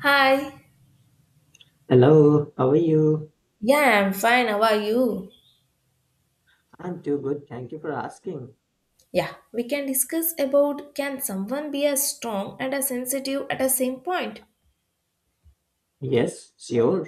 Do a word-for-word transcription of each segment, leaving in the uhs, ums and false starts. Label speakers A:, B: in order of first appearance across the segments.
A: Hi.
B: Hello, how are you?
A: Yeah, I'm fine. How are you?
B: I'm too good. Thank you for asking.
A: Yeah, we can discuss about can someone be as strong and as sensitive at the same point?
B: Yes, sure.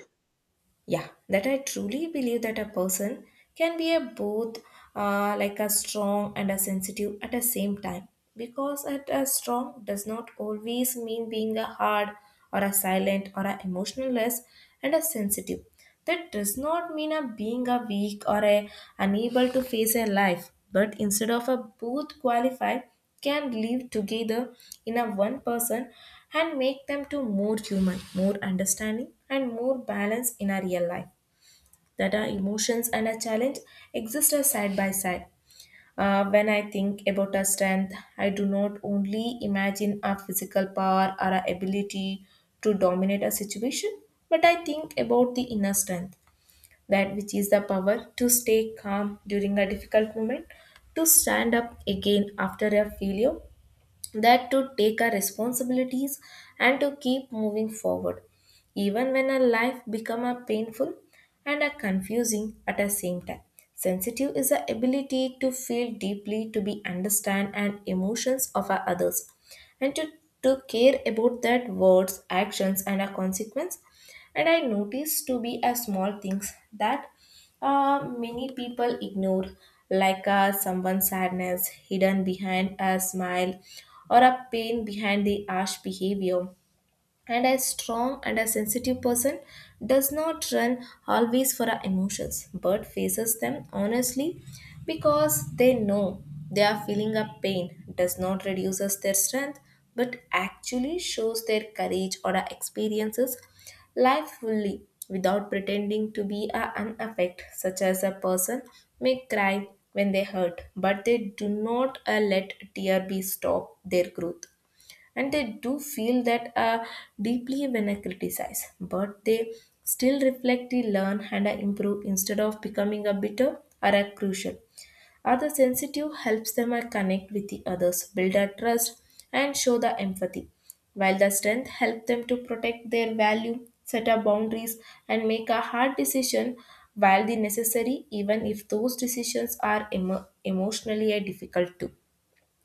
A: yeah that I truly believe that a person can be a both uh, like a strong and a sensitive at the same time, because at a strong does not always mean being a hard or a silent or a emotionless, and a sensitive, that does not mean a being a weak or a unable to face a life, but instead of a both qualified can live together in a one person and make them to more human, more understanding, and more balance in our real life, that our emotions and our challenge exist as side by side. Uh, when I think about our strength, I do not only imagine our physical power or our ability to dominate a situation, but I think about the inner strength, that which is the power to stay calm during a difficult moment, to stand up again after a failure, that to take our responsibilities and to keep moving forward even when our life become a painful and a confusing at the same time. Sensitive is the ability to feel deeply, to be understand and emotions of our others, and to, to care about that words, actions, and our consequence. And I noticed to be a small things that uh, many people ignore, like uh, someone's sadness hidden behind a smile, or a pain behind the harsh behavior. And a strong and a sensitive person does not run always for our emotions, but faces them honestly, because they know they are feeling a pain does not reduces their strength, but actually shows their courage or our experiences life fully without pretending to be a unaffect. Such as a person may cry when they hurt, but they do not uh, let tear be stop their growth. And they do feel that uh, deeply when I criticize, but they still reflect the learn and I improve instead of becoming a bitter or a crucial. Are the sensitive helps them uh, connect with the others, build a trust, and show the empathy, while the strength help them to protect their value, set up boundaries, and make a hard decision while the necessary, even if those decisions are emo- emotionally uh, difficult too.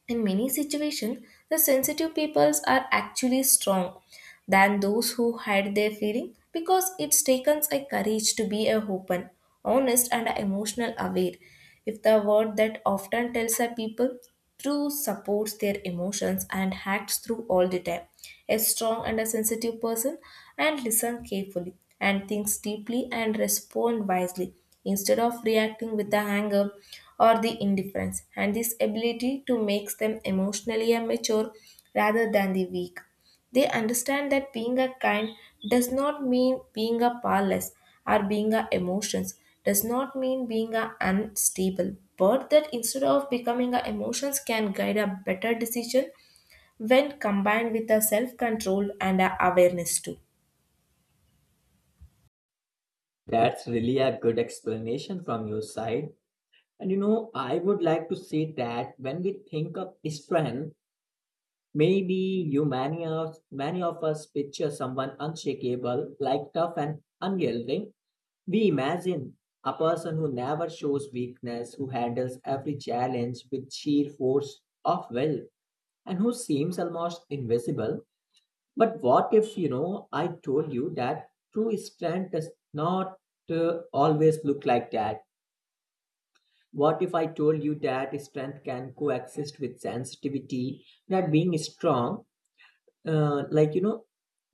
A: In many situations, the sensitive peoples are actually strong than those who hide their feeling, because it takes a courage to be a open, honest, and emotional aware. If the word that often tells a people through supports their emotions and acts through all the time a strong and a sensitive person, and listen carefully, and thinks deeply, and respond wisely instead of reacting with the anger or the indifference, and this ability to makes them emotionally mature rather than the weak. They understand that being a kind does not mean being a powerless, or being a emotions does not mean being a unstable, but that instead of becoming a emotions can guide a better decision when combined with a self control and a awareness too.
B: That's really a good explanation from your side. And you know, I would like to say that when we think of strength, maybe you many of many of us picture someone unshakable, like tough and unyielding. We imagine a person who never shows weakness, who handles every challenge with sheer force of will, and who seems almost invisible. But what if, you know, I told you that true strength does not uh, always look like that? What if I told you that strength can coexist with sensitivity? That being strong, uh, like, you know,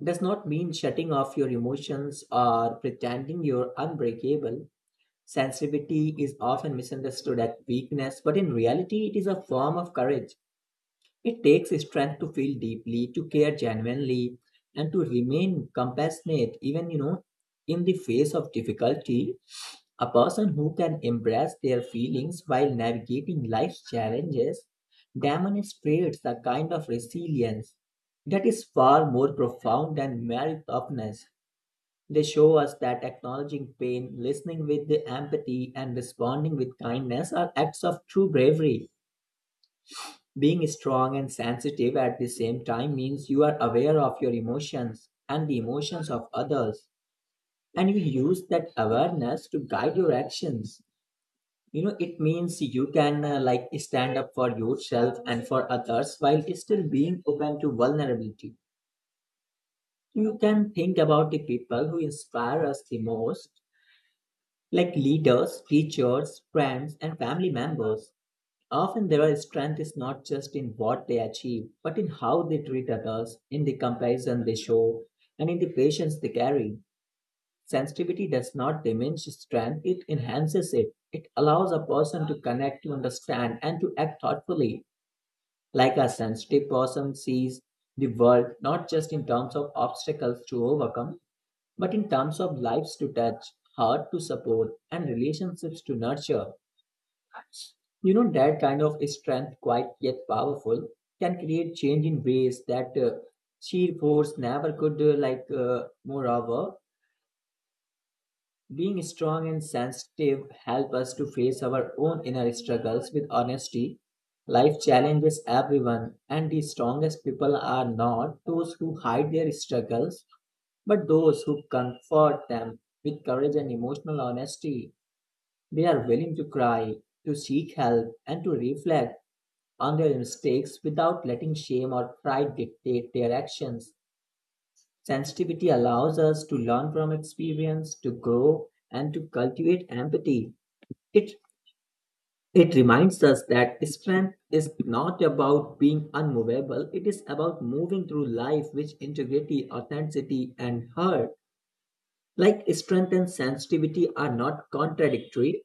B: does not mean shutting off your emotions or pretending you're unbreakable. Sensitivity is often misunderstood as weakness, but in reality, it is a form of courage. It takes strength to feel deeply, to care genuinely, and to remain compassionate, even you know, in the face of difficulty. A person who can embrace their feelings while navigating life's challenges demonstrates a kind of resilience that is far more profound than mere toughness. They show us that acknowledging pain, listening with the empathy, and responding with kindness are acts of true bravery. Being strong and sensitive at the same time means you are aware of your emotions and the emotions of others, and you use that awareness to guide your actions. You know, it means you can uh, like stand up for yourself and for others while still being open to vulnerability. You can think about the people who inspire us the most, like leaders, teachers, friends, and family members. Often their strength is not just in what they achieve, but in how they treat others, in the compassion they show, and in the patience they carry. Sensitivity does not diminish strength, it enhances it. It allows a person to connect, to understand, and to act thoughtfully. Like a sensitive person sees the world not just in terms of obstacles to overcome, but in terms of lives to touch, heart to support, and relationships to nurture. You know, that kind of strength, quite yet powerful, can create change in ways that uh, sheer force never could. Uh, like, uh, moreover, being strong and sensitive help us to face our own inner struggles with honesty. Life challenges everyone, and the strongest people are not those who hide their struggles, but those who comfort them with courage and emotional honesty. They are willing to cry, to seek help, and to reflect on their mistakes without letting shame or pride dictate their actions. Sensitivity allows us to learn from experience, to grow, and to cultivate empathy. It, it reminds us that strength is not about being unmovable, it is about moving through life with integrity, authenticity, and heart. Like strength and sensitivity are not contradictory,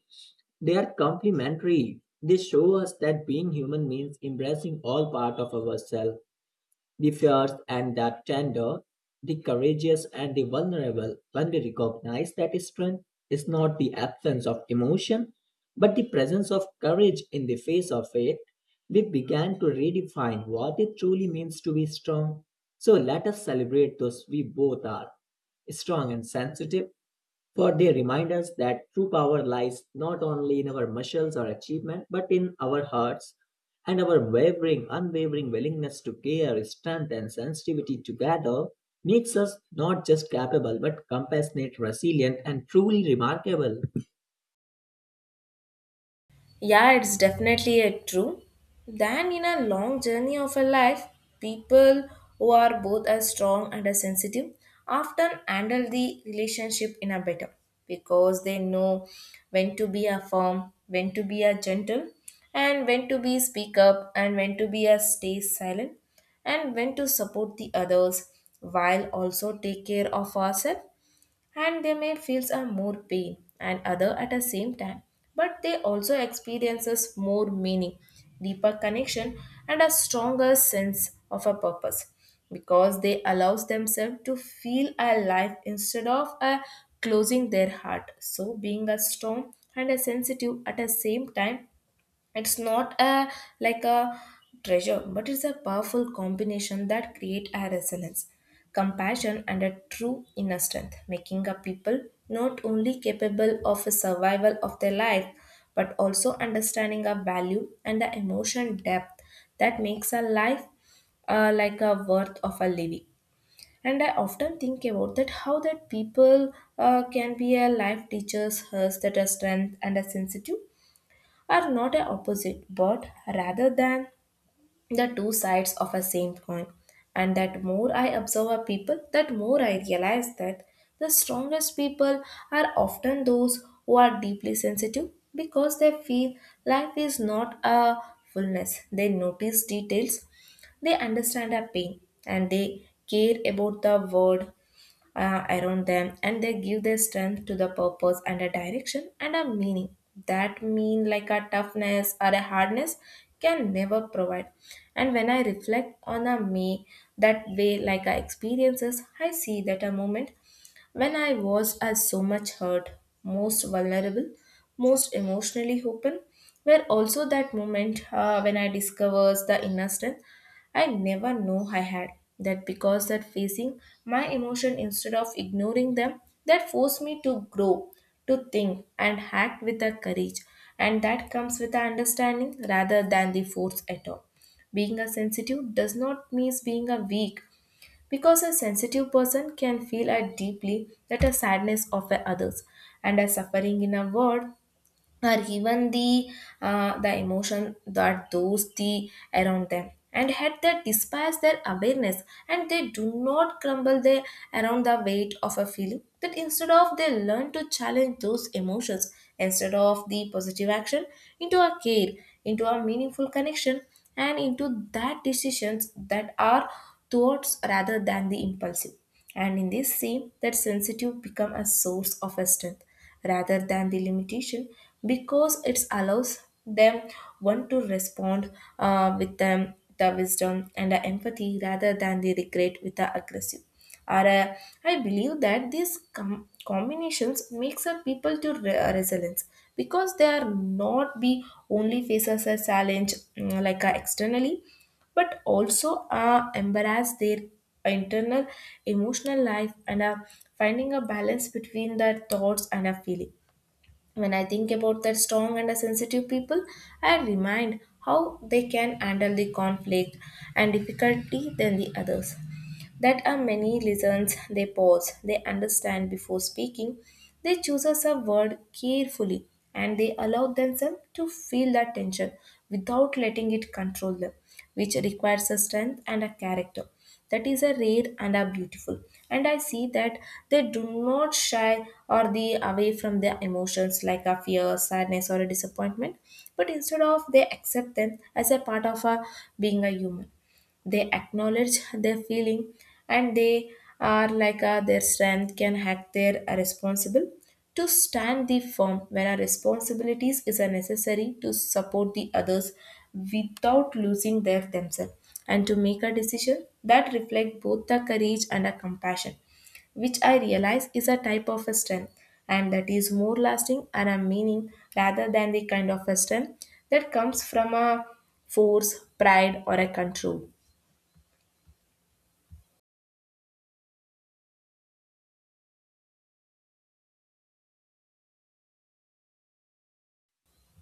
B: they are complementary. They show us that being human means embracing all parts of ourselves, the fierce and the tender, the courageous and the vulnerable. When we recognize that strength is not the absence of emotion, but the presence of courage in the face of it, we began to redefine what it truly means to be strong. So let us celebrate those we both are strong and sensitive, for they remind us that true power lies not only in our muscles or achievement, but in our hearts and our wavering, unwavering willingness to care, strength, and sensitivity together makes us not just capable but compassionate, resilient, and truly remarkable.
A: Yeah, it's definitely a true. Then in a long journey of a life, people who are both as strong and as sensitive often handle the relationship in a better, because they know when to be a firm, when to be a gentle, and when to be speak up, and when to be a stay silent, and when to support the others while also take care of ourselves. And they may feel some more pain and other at the same time, but they also experiences more meaning, deeper connection, and a stronger sense of a purpose, because they allows themselves to feel alive instead of uh, closing their heart. So being a strong and a sensitive at the same time, it's not a like a treasure, but it's a powerful combination that create a resilience, compassion, and a true inner strength, making a people not only capable of a survival of their life, but also understanding a value and the emotion depth that makes a life uh, like a worth of a living. And I often think about that how that people uh, can be a life teachers us that a strength and a sensitive are not a opposite, but rather than the two sides of a same coin. And that more I observe a people that more I realize that the strongest people are often those who are deeply sensitive, because they feel life is not a fullness. They notice details, they understand our pain, and they care about the world uh, around them, and they give their strength to the purpose and a direction and a meaning that mean like a toughness or a hardness can never provide. And when I reflect on a me, that way like a experiences, I see that a moment when I was as so much hurt, most vulnerable, most emotionally open, were also that moment uh, when I discovers the inner strength I never know I had. That because that facing my emotion instead of ignoring them, that forced me to grow, to think and act with the courage. And that comes with the understanding rather than the force at all. Being a sensitive does not mean being a weak, because a sensitive person can feel a deeply that a sadness of a others and a suffering in a world, or even the uh, the emotion that those the around them, and had that despise their awareness. And they do not crumble their around the weight of a feeling, that instead of they learn to challenge those emotions instead of the positive action, into a care, into a meaningful connection, and into that decisions that are thoughts rather than the impulsive. And in this same that sensitive become a source of a strength rather than the limitation, because it allows them one to respond uh, with them the wisdom and the empathy rather than the regret with the aggressive. Or uh, I believe that these com- combinations makes a people to re- uh, resilience, because they are not be only faces a challenge mm, like uh, externally, but also uh, embrace their internal emotional life, and uh, finding a balance between their thoughts and a feeling. When I think about that strong and a sensitive people, I remind how they can handle the conflict and difficulty than the others. That are many listens, they pause, they understand before speaking, they choose us a word carefully, and they allow themselves to feel that tension without letting it control them, which requires a strength and a character. That is a rare and are beautiful. And I see that they do not shy or they away from their emotions like a fear, sadness, or a disappointment, but instead of they accept them as a part of a being a human. They acknowledge their feeling, and they are like uh, their strength can hack their uh, responsible to stand the firm when our responsibilities is a necessary to support the others without losing their themselves, and to make a decision that reflect both the courage and a compassion, which I realize is a type of a strength, and that is more lasting and a meaning rather than the kind of a strength that comes from a force, pride, or a control.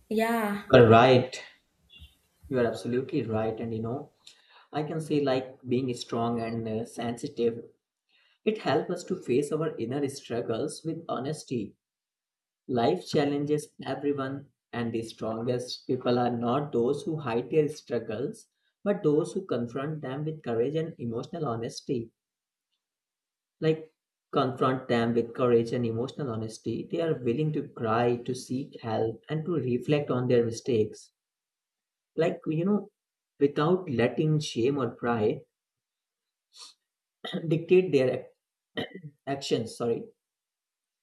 A: Yeah,
B: You are right. You are absolutely right. And you know, I can say like being strong and uh, sensitive, it helps us to face our inner struggles with honesty. Life challenges everyone, and the strongest people are not those who hide their struggles, but those who confront them with courage and emotional honesty. Like, confront them with courage and emotional honesty. They are willing to cry, to seek help, and to reflect on their mistakes. Like, you know, without letting shame or pride dictate their ac- actions, sorry.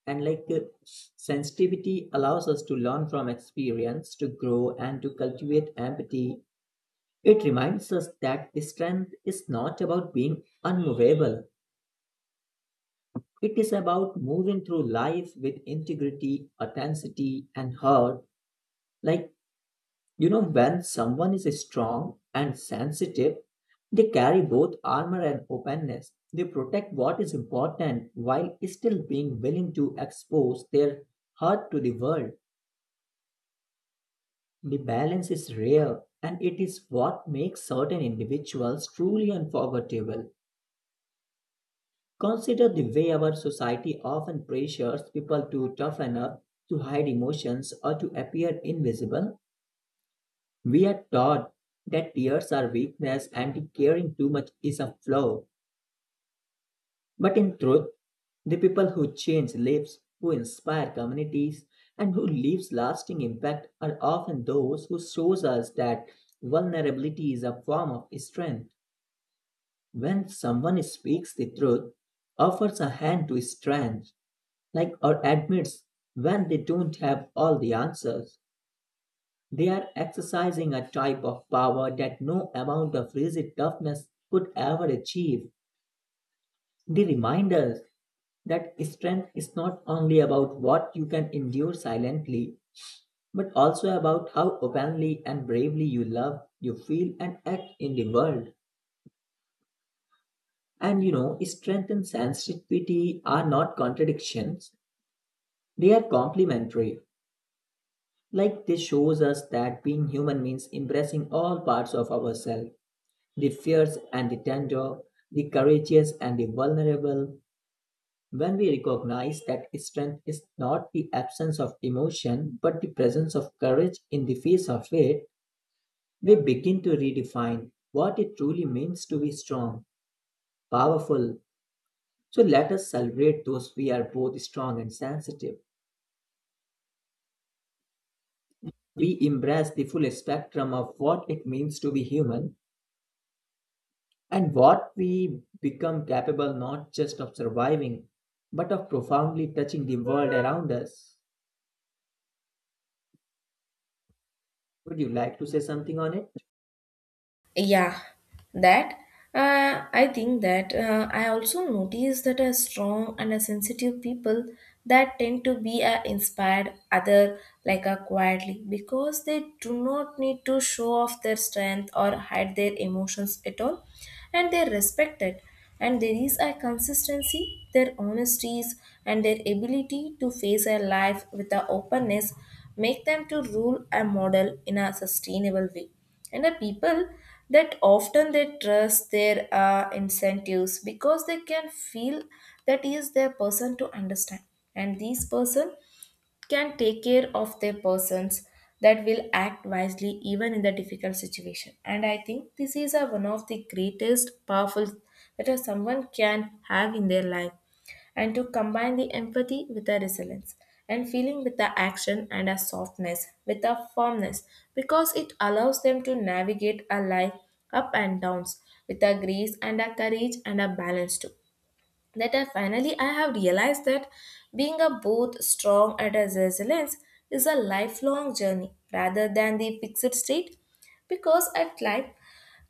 B: And like uh, Sensitivity allows us to learn from experience, to grow, and to cultivate empathy. It reminds us that strength is not about being unmovable, it is about moving through life with integrity, authenticity, and heart. Like, you know, when someone is strong and sensitive, they carry both armor and openness. They protect what is important while still being willing to expose their heart to the world. The balance is rare, and it is what makes certain individuals truly unforgettable. Consider the way our society often pressures people to toughen up, to hide emotions, or to appear invisible. We are taught that tears are weakness and caring too much is a flaw. But in truth, the people who change lives, who inspire communities, and who leaves lasting impact are often those who shows us that vulnerability is a form of strength. When someone speaks the truth, offers a hand to strength, like or admits when they don't have all the answers, they are exercising a type of power that no amount of rigid toughness could ever achieve. They remind us that strength is not only about what you can endure silently, but also about how openly and bravely you love, you feel, and act in the world. And you know, strength and sensitivity are not contradictions, they are complementary. Like this shows us that being human means embracing all parts of ourselves, the fierce and the tender, the courageous and the vulnerable. When we recognize that strength is not the absence of emotion but the presence of courage in the face of it, we begin to redefine what it truly means to be strong, powerful. So let us celebrate those we are both strong and sensitive. We embrace the full spectrum of what it means to be human, and what we become capable not just of surviving but of profoundly touching the world around us. Would you like to say something on it?
A: yeah, that. Uh, I think that uh, I also notice that a strong and a sensitive people that tend to be a inspired other, like a quietly, because they do not need to show off their strength or hide their emotions at all, and they respect it. And there is a consistency, their honesties, and their ability to face a life with a openness make them to rule a model in a sustainable way, and the people that often they trust their uh, incentives because they can feel that is their person to understand, and these person can take care of their persons that will act wisely even in the difficult situation. And I think this is a, one of the greatest powerful that a someone can have in their life, and to combine the empathy with the resilience, and feeling with the action, and a softness with a firmness, because it allows them to navigate a life up and downs with a grace and a courage and a balance too, that I finally I have realized that being a both strong and as resilience is a lifelong journey rather than the fixed state, because at life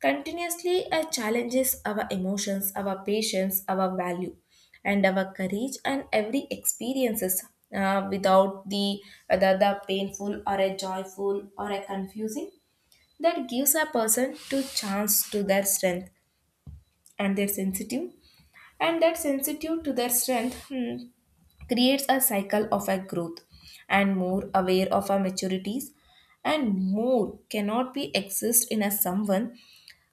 A: continuously uh, challenges our emotions, our patience, our value and our courage, and every experiences uh, without the, whether the painful or a joyful or a confusing, that gives a person to chance to their strength and their sensitive, and that sensitive to their strength, hmm, creates a cycle of a growth and more aware of our maturities, and more cannot be exist in a someone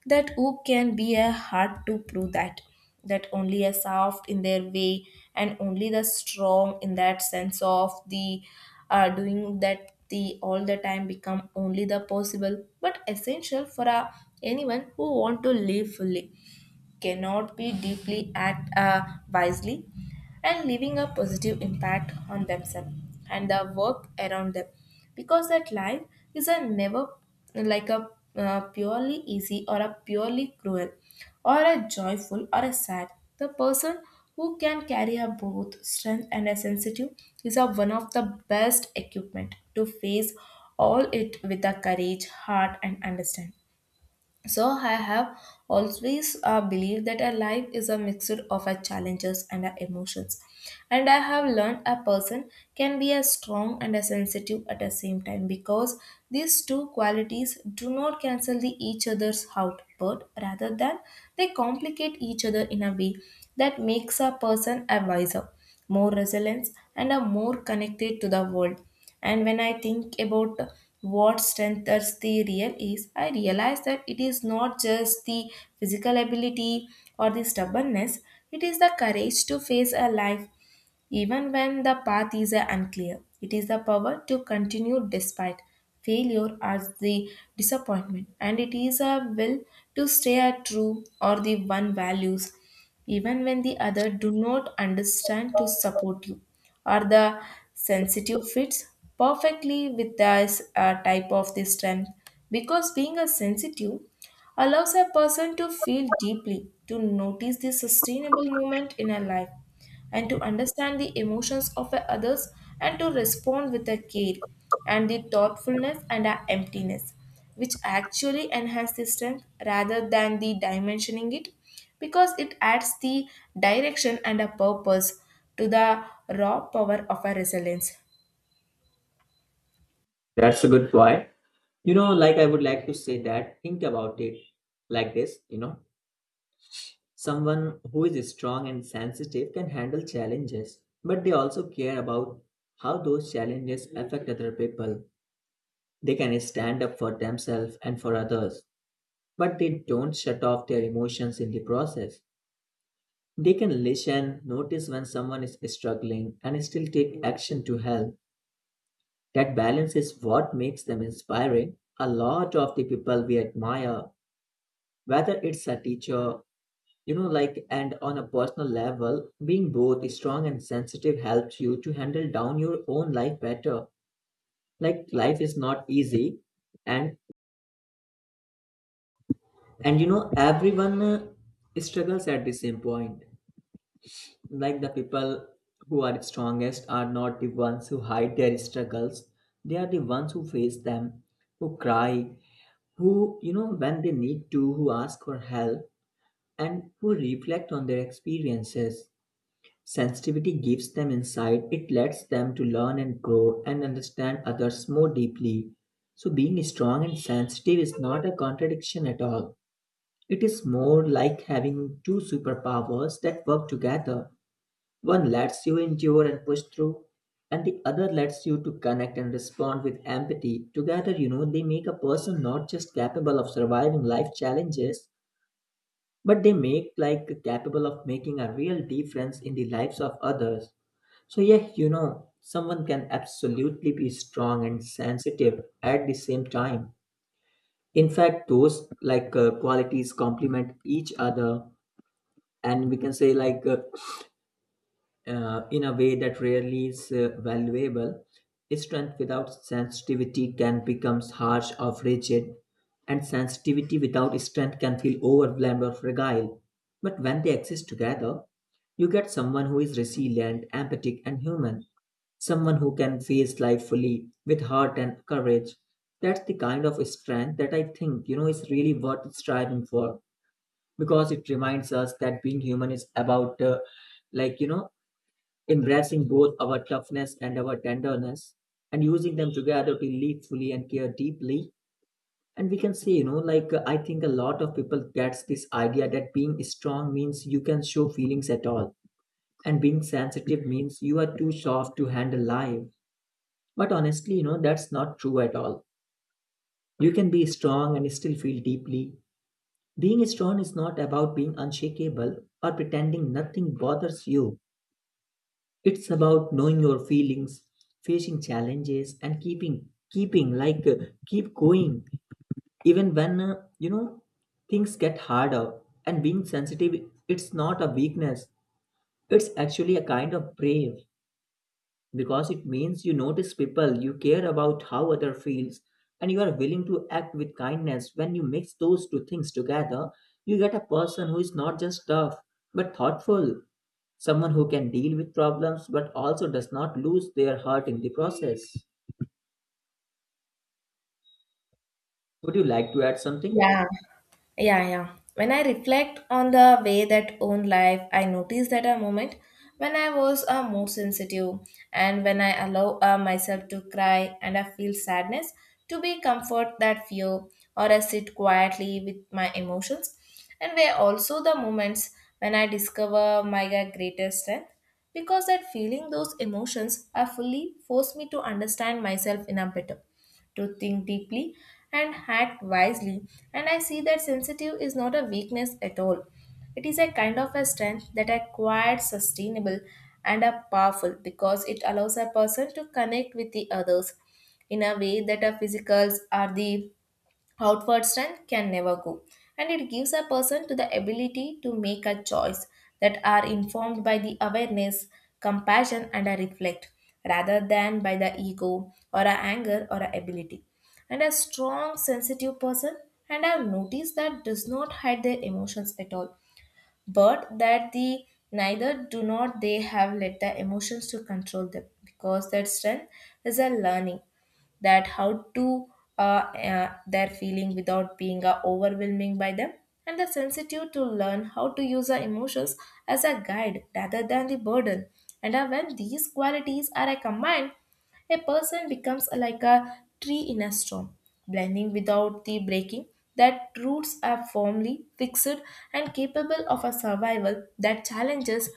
A: that who can be a hard to prove that that only a soft in their way and only the strong in that sense of the, uh, doing that the all the time become only the possible but essential for a, anyone who want to live fully cannot be deeply act uh, wisely and leaving a positive impact on themselves and the work around them, because that life is a never like a uh, purely easy or a purely cruel or a joyful or a sad. The person who can carry a both strength and a sensitive is a one of the best equipment to face all it with a courage heart and understand. So I have always uh, believed that a life is a mixture of our challenges and our emotions. And I have learned a person can be as strong and as sensitive at the same time, because these two qualities do not cancel the each other's out, but rather than they complicate each other in a way that makes a person a wiser, more resilient, and a more connected to the world. And when I think about what strengthens the real is, I realize that it is not just the physical ability or the stubbornness, it is the courage to face a life even when the path is uh, unclear, it is the power to continue despite failure as the disappointment, and it is a will to stay a true or the one values, even when the other do not understand to support you, or the sensitive fits perfectly with this uh, type of the strength, because being a sensitive allows a person to feel deeply, to notice the sustainable moment in a life, and to understand the emotions of others, and to respond with a care and the thoughtfulness and a emptiness, which actually enhance the strength rather than the dimensioning it, because it adds the direction and a purpose to the raw power of a resilience.
B: That's a good point. You know, like I would like to say that, think about it like this, you know, someone who is strong and sensitive can handle challenges, but they also care about how those challenges affect other people. They can stand up for themselves and for others, but they don't shut off their emotions in the process. They can listen, notice when someone is struggling, and still take action to help. That balance is what makes them inspiring. A lot of the people we admire, whether it's a teacher, you know, like, and on a personal level, being both strong and sensitive helps you to handle down your own life better. Like, life is not easy, and and you know, everyone uh, struggles at the same point. Like the people who are strongest are not the ones who hide their struggles; they are the ones who face them, who cry, who you know when they need to, who ask for help, and who reflect on their experiences. Sensitivity gives them insight, it lets them to learn and grow and understand others more deeply. So being strong and sensitive is not a contradiction at all. It is more like having two superpowers that work together. One lets you endure and push through, and the other lets you to connect and respond with empathy. Together, you know, they make a person not just capable of surviving life challenges, but they make like capable of making a real difference in the lives of others. So, yeah, you know, someone can absolutely be strong and sensitive at the same time. In fact, those like uh, qualities complement each other, and we can say, like, uh, uh, in a way that rarely is uh, valuable. Strength without sensitivity can become harsh or rigid, and sensitivity without strength can feel overwhelmed or fragile. But when they exist together, you get someone who is resilient, empathic, and human. Someone who can face life fully with heart and courage. That's the kind of strength that I think, you know, is really worth striving for, because it reminds us that being human is about, uh, like, you know, embracing both our toughness and our tenderness and using them together to live fully and care deeply. And we can say, you know, like, uh, I think a lot of people gets this idea that being strong means you can show feelings at all and being sensitive means you are too soft to handle life, but honestly, you know, that's not true at all. You can be strong and still feel deeply. Being strong is not about being unshakable or pretending nothing bothers you. It's about knowing your feelings, facing challenges and keeping keeping like uh, keep going even when uh, you know things get harder, and being sensitive, it's not a weakness, it's actually a kind of brave, because it means you notice people, you care about how other feels, and you are willing to act with kindness. When you mix those two things together, you get a person who is not just tough but thoughtful, someone who can deal with problems but also does not lose their heart in the process. Would you like to add something?
A: Yeah. Yeah, yeah. When I reflect on the way that own life, I notice that a moment when I was uh, more sensitive, and when I allow uh, myself to cry and I feel sadness to be comfort that fear, or I sit quietly with my emotions, and were also the moments when I discover my uh, greatest strength, because that feeling those emotions are fully forced me to understand myself in a better, to think deeply and act wisely. And I see that sensitive is not a weakness at all. It is a kind of a strength that are quite sustainable and are powerful, because it allows a person to connect with the others in a way that our physicals are the outward strength can never go, and it gives a person to the ability to make a choice that are informed by the awareness, compassion and a reflect, rather than by the ego or a anger or a ability. And a strong sensitive person, and I've noticed that does not hide their emotions at all, but that the neither do not they have let the emotions to control them, because that strength is a learning that how to uh, uh, their feeling without being uh, overwhelming by them, and the sensitive to learn how to use our emotions as a guide rather than the burden. And uh, when these qualities are uh, combined, a person becomes like a tree in a storm, blending without the breaking. That roots are firmly fixed and capable of a survival that challenges,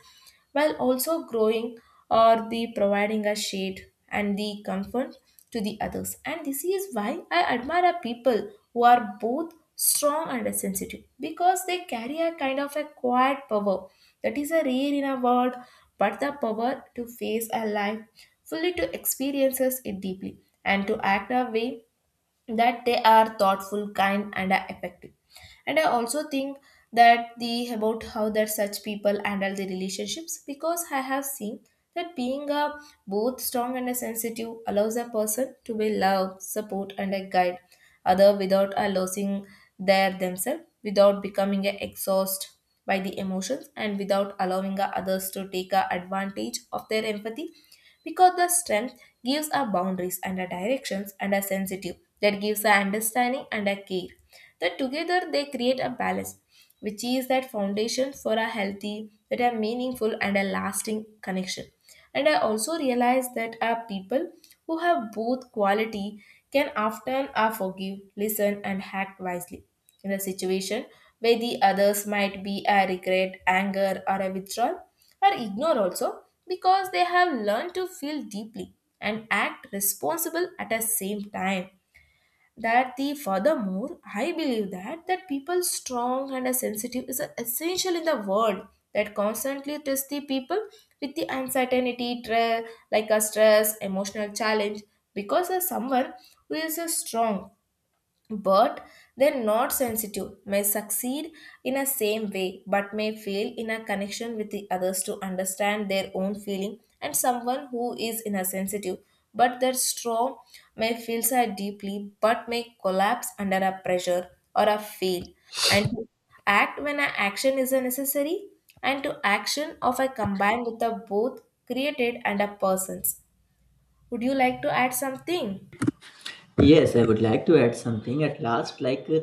A: while also growing or the providing a shade and the comfort to the others. And this is why I admire people who are both strong and sensitive, because they carry a kind of a quiet power that is a rare in a world, but the power to face a life fully, to experiences it deeply and to act a way that they are thoughtful, kind, and are effective. And I also think that the about how that such people handle the relationships, because I have seen that being a both strong and a sensitive allows a person to be love, support and a guide other without a losing their themselves, without becoming a exhaust by the emotions, and without allowing a others to take a advantage of their empathy, because the strength gives a boundaries and a directions, and a sensitive that gives a understanding and a care, that together they create a balance, which is that foundation for a healthy, that a meaningful and a lasting connection. And I also realize that our people who have both quality can often are forgive, listen, and act wisely in a situation where the others might be a regret, anger, or a withdrawal, or ignore also because they have learned to feel deeply and act responsible at the same time. That the furthermore I believe that that people strong and a sensitive is a essential in the world that constantly test the people with the uncertainty tra- like a stress emotional challenge, because as someone who is a strong but they're not sensitive may succeed in a same way, but may fail in a connection with the others to understand their own feeling, and someone who is in a sensitive but that strong may feel sad deeply but may collapse under a pressure or a fail and to act when an action is a necessary, and to action of a combined with the both created and a persons. Would you like to add something?
B: Yes, I would like to add something at last. Like, uh,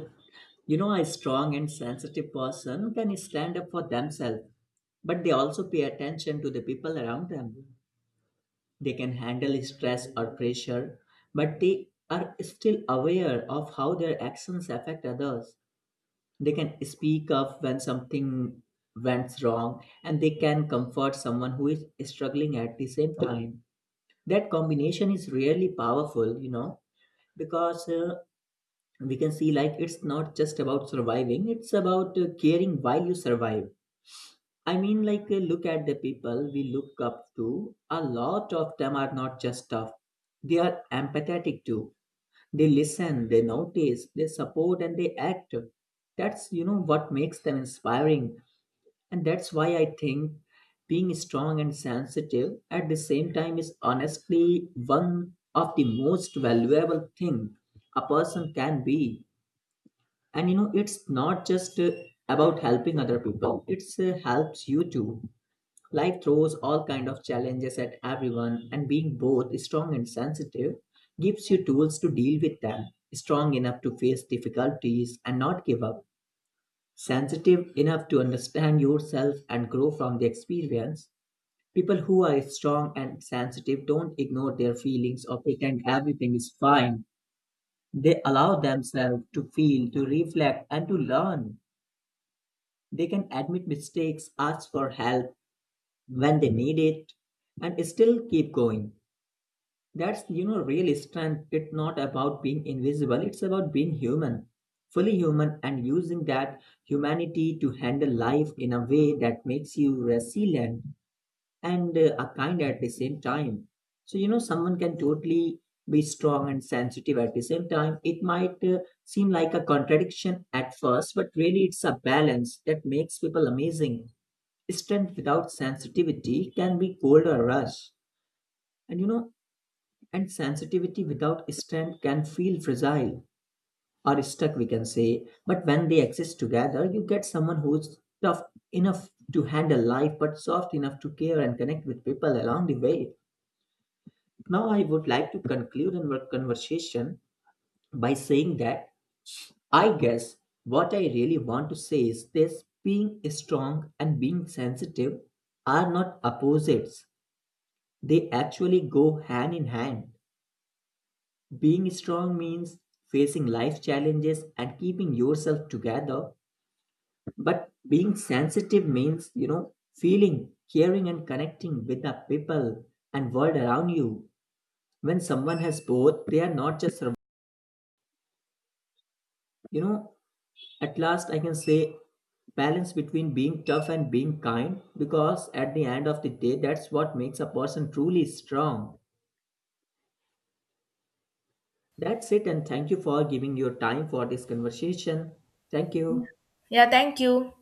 B: you know, a strong and sensitive person can stand up for themselves, but they also pay attention to the people around them. They can handle stress or pressure, but they are still aware of how their actions affect others. They can speak up when something went wrong, and they can comfort someone who is struggling at the same time. That combination is really powerful, you know, because uh, we can see like it's not just about surviving, it's about uh, caring while you survive. I mean, like, uh, look at the people we look up to. A lot of them are not just tough, they are empathetic too. They listen, they notice, they support, and they act. That's, you know, what makes them inspiring. And that's why I think being strong and sensitive at the same time is honestly one of the most valuable thing a person can be. And, you know, it's not just uh, about helping other people, it's uh, helps you too. Life throws all kind of challenges at everyone, and being both strong and sensitive gives you tools to deal with them. Strong enough to face difficulties and not give up. Sensitive enough to understand yourself and grow from the experience. People who are strong and sensitive don't ignore their feelings or pretend everything is fine. They allow themselves to feel, to reflect, and to learn. They can admit mistakes, ask for help when they need it, and still keep going that's you know real strength. It's not about being invisible, it's about being human, fully human, and using that humanity to handle life in a way that makes you resilient and uh, a kind at the same time. So you know someone can totally be strong and sensitive at the same time. It might uh, seem like a contradiction at first, but really it's a balance that makes people amazing. Strength without sensitivity can be cold or rush, and you know and sensitivity without strength can feel fragile or stuck, we can say. But when they exist together, you get someone who's tough enough to handle life but soft enough to care and connect with people along the way. Now I would like to conclude our conversation by saying that, I guess, what I really want to say is this: being strong and being sensitive are not opposites. They actually go hand in hand. Being strong means facing life challenges and keeping yourself together, but being sensitive means, you know, feeling, caring, and connecting with the people and world around you. When someone has both, they are not just, surv- you know, at last I can say balance between being tough and being kind, because at the end of the day, that's what makes a person truly strong. That's it, and thank you for giving your time for this conversation. Thank you.
A: Yeah, thank you.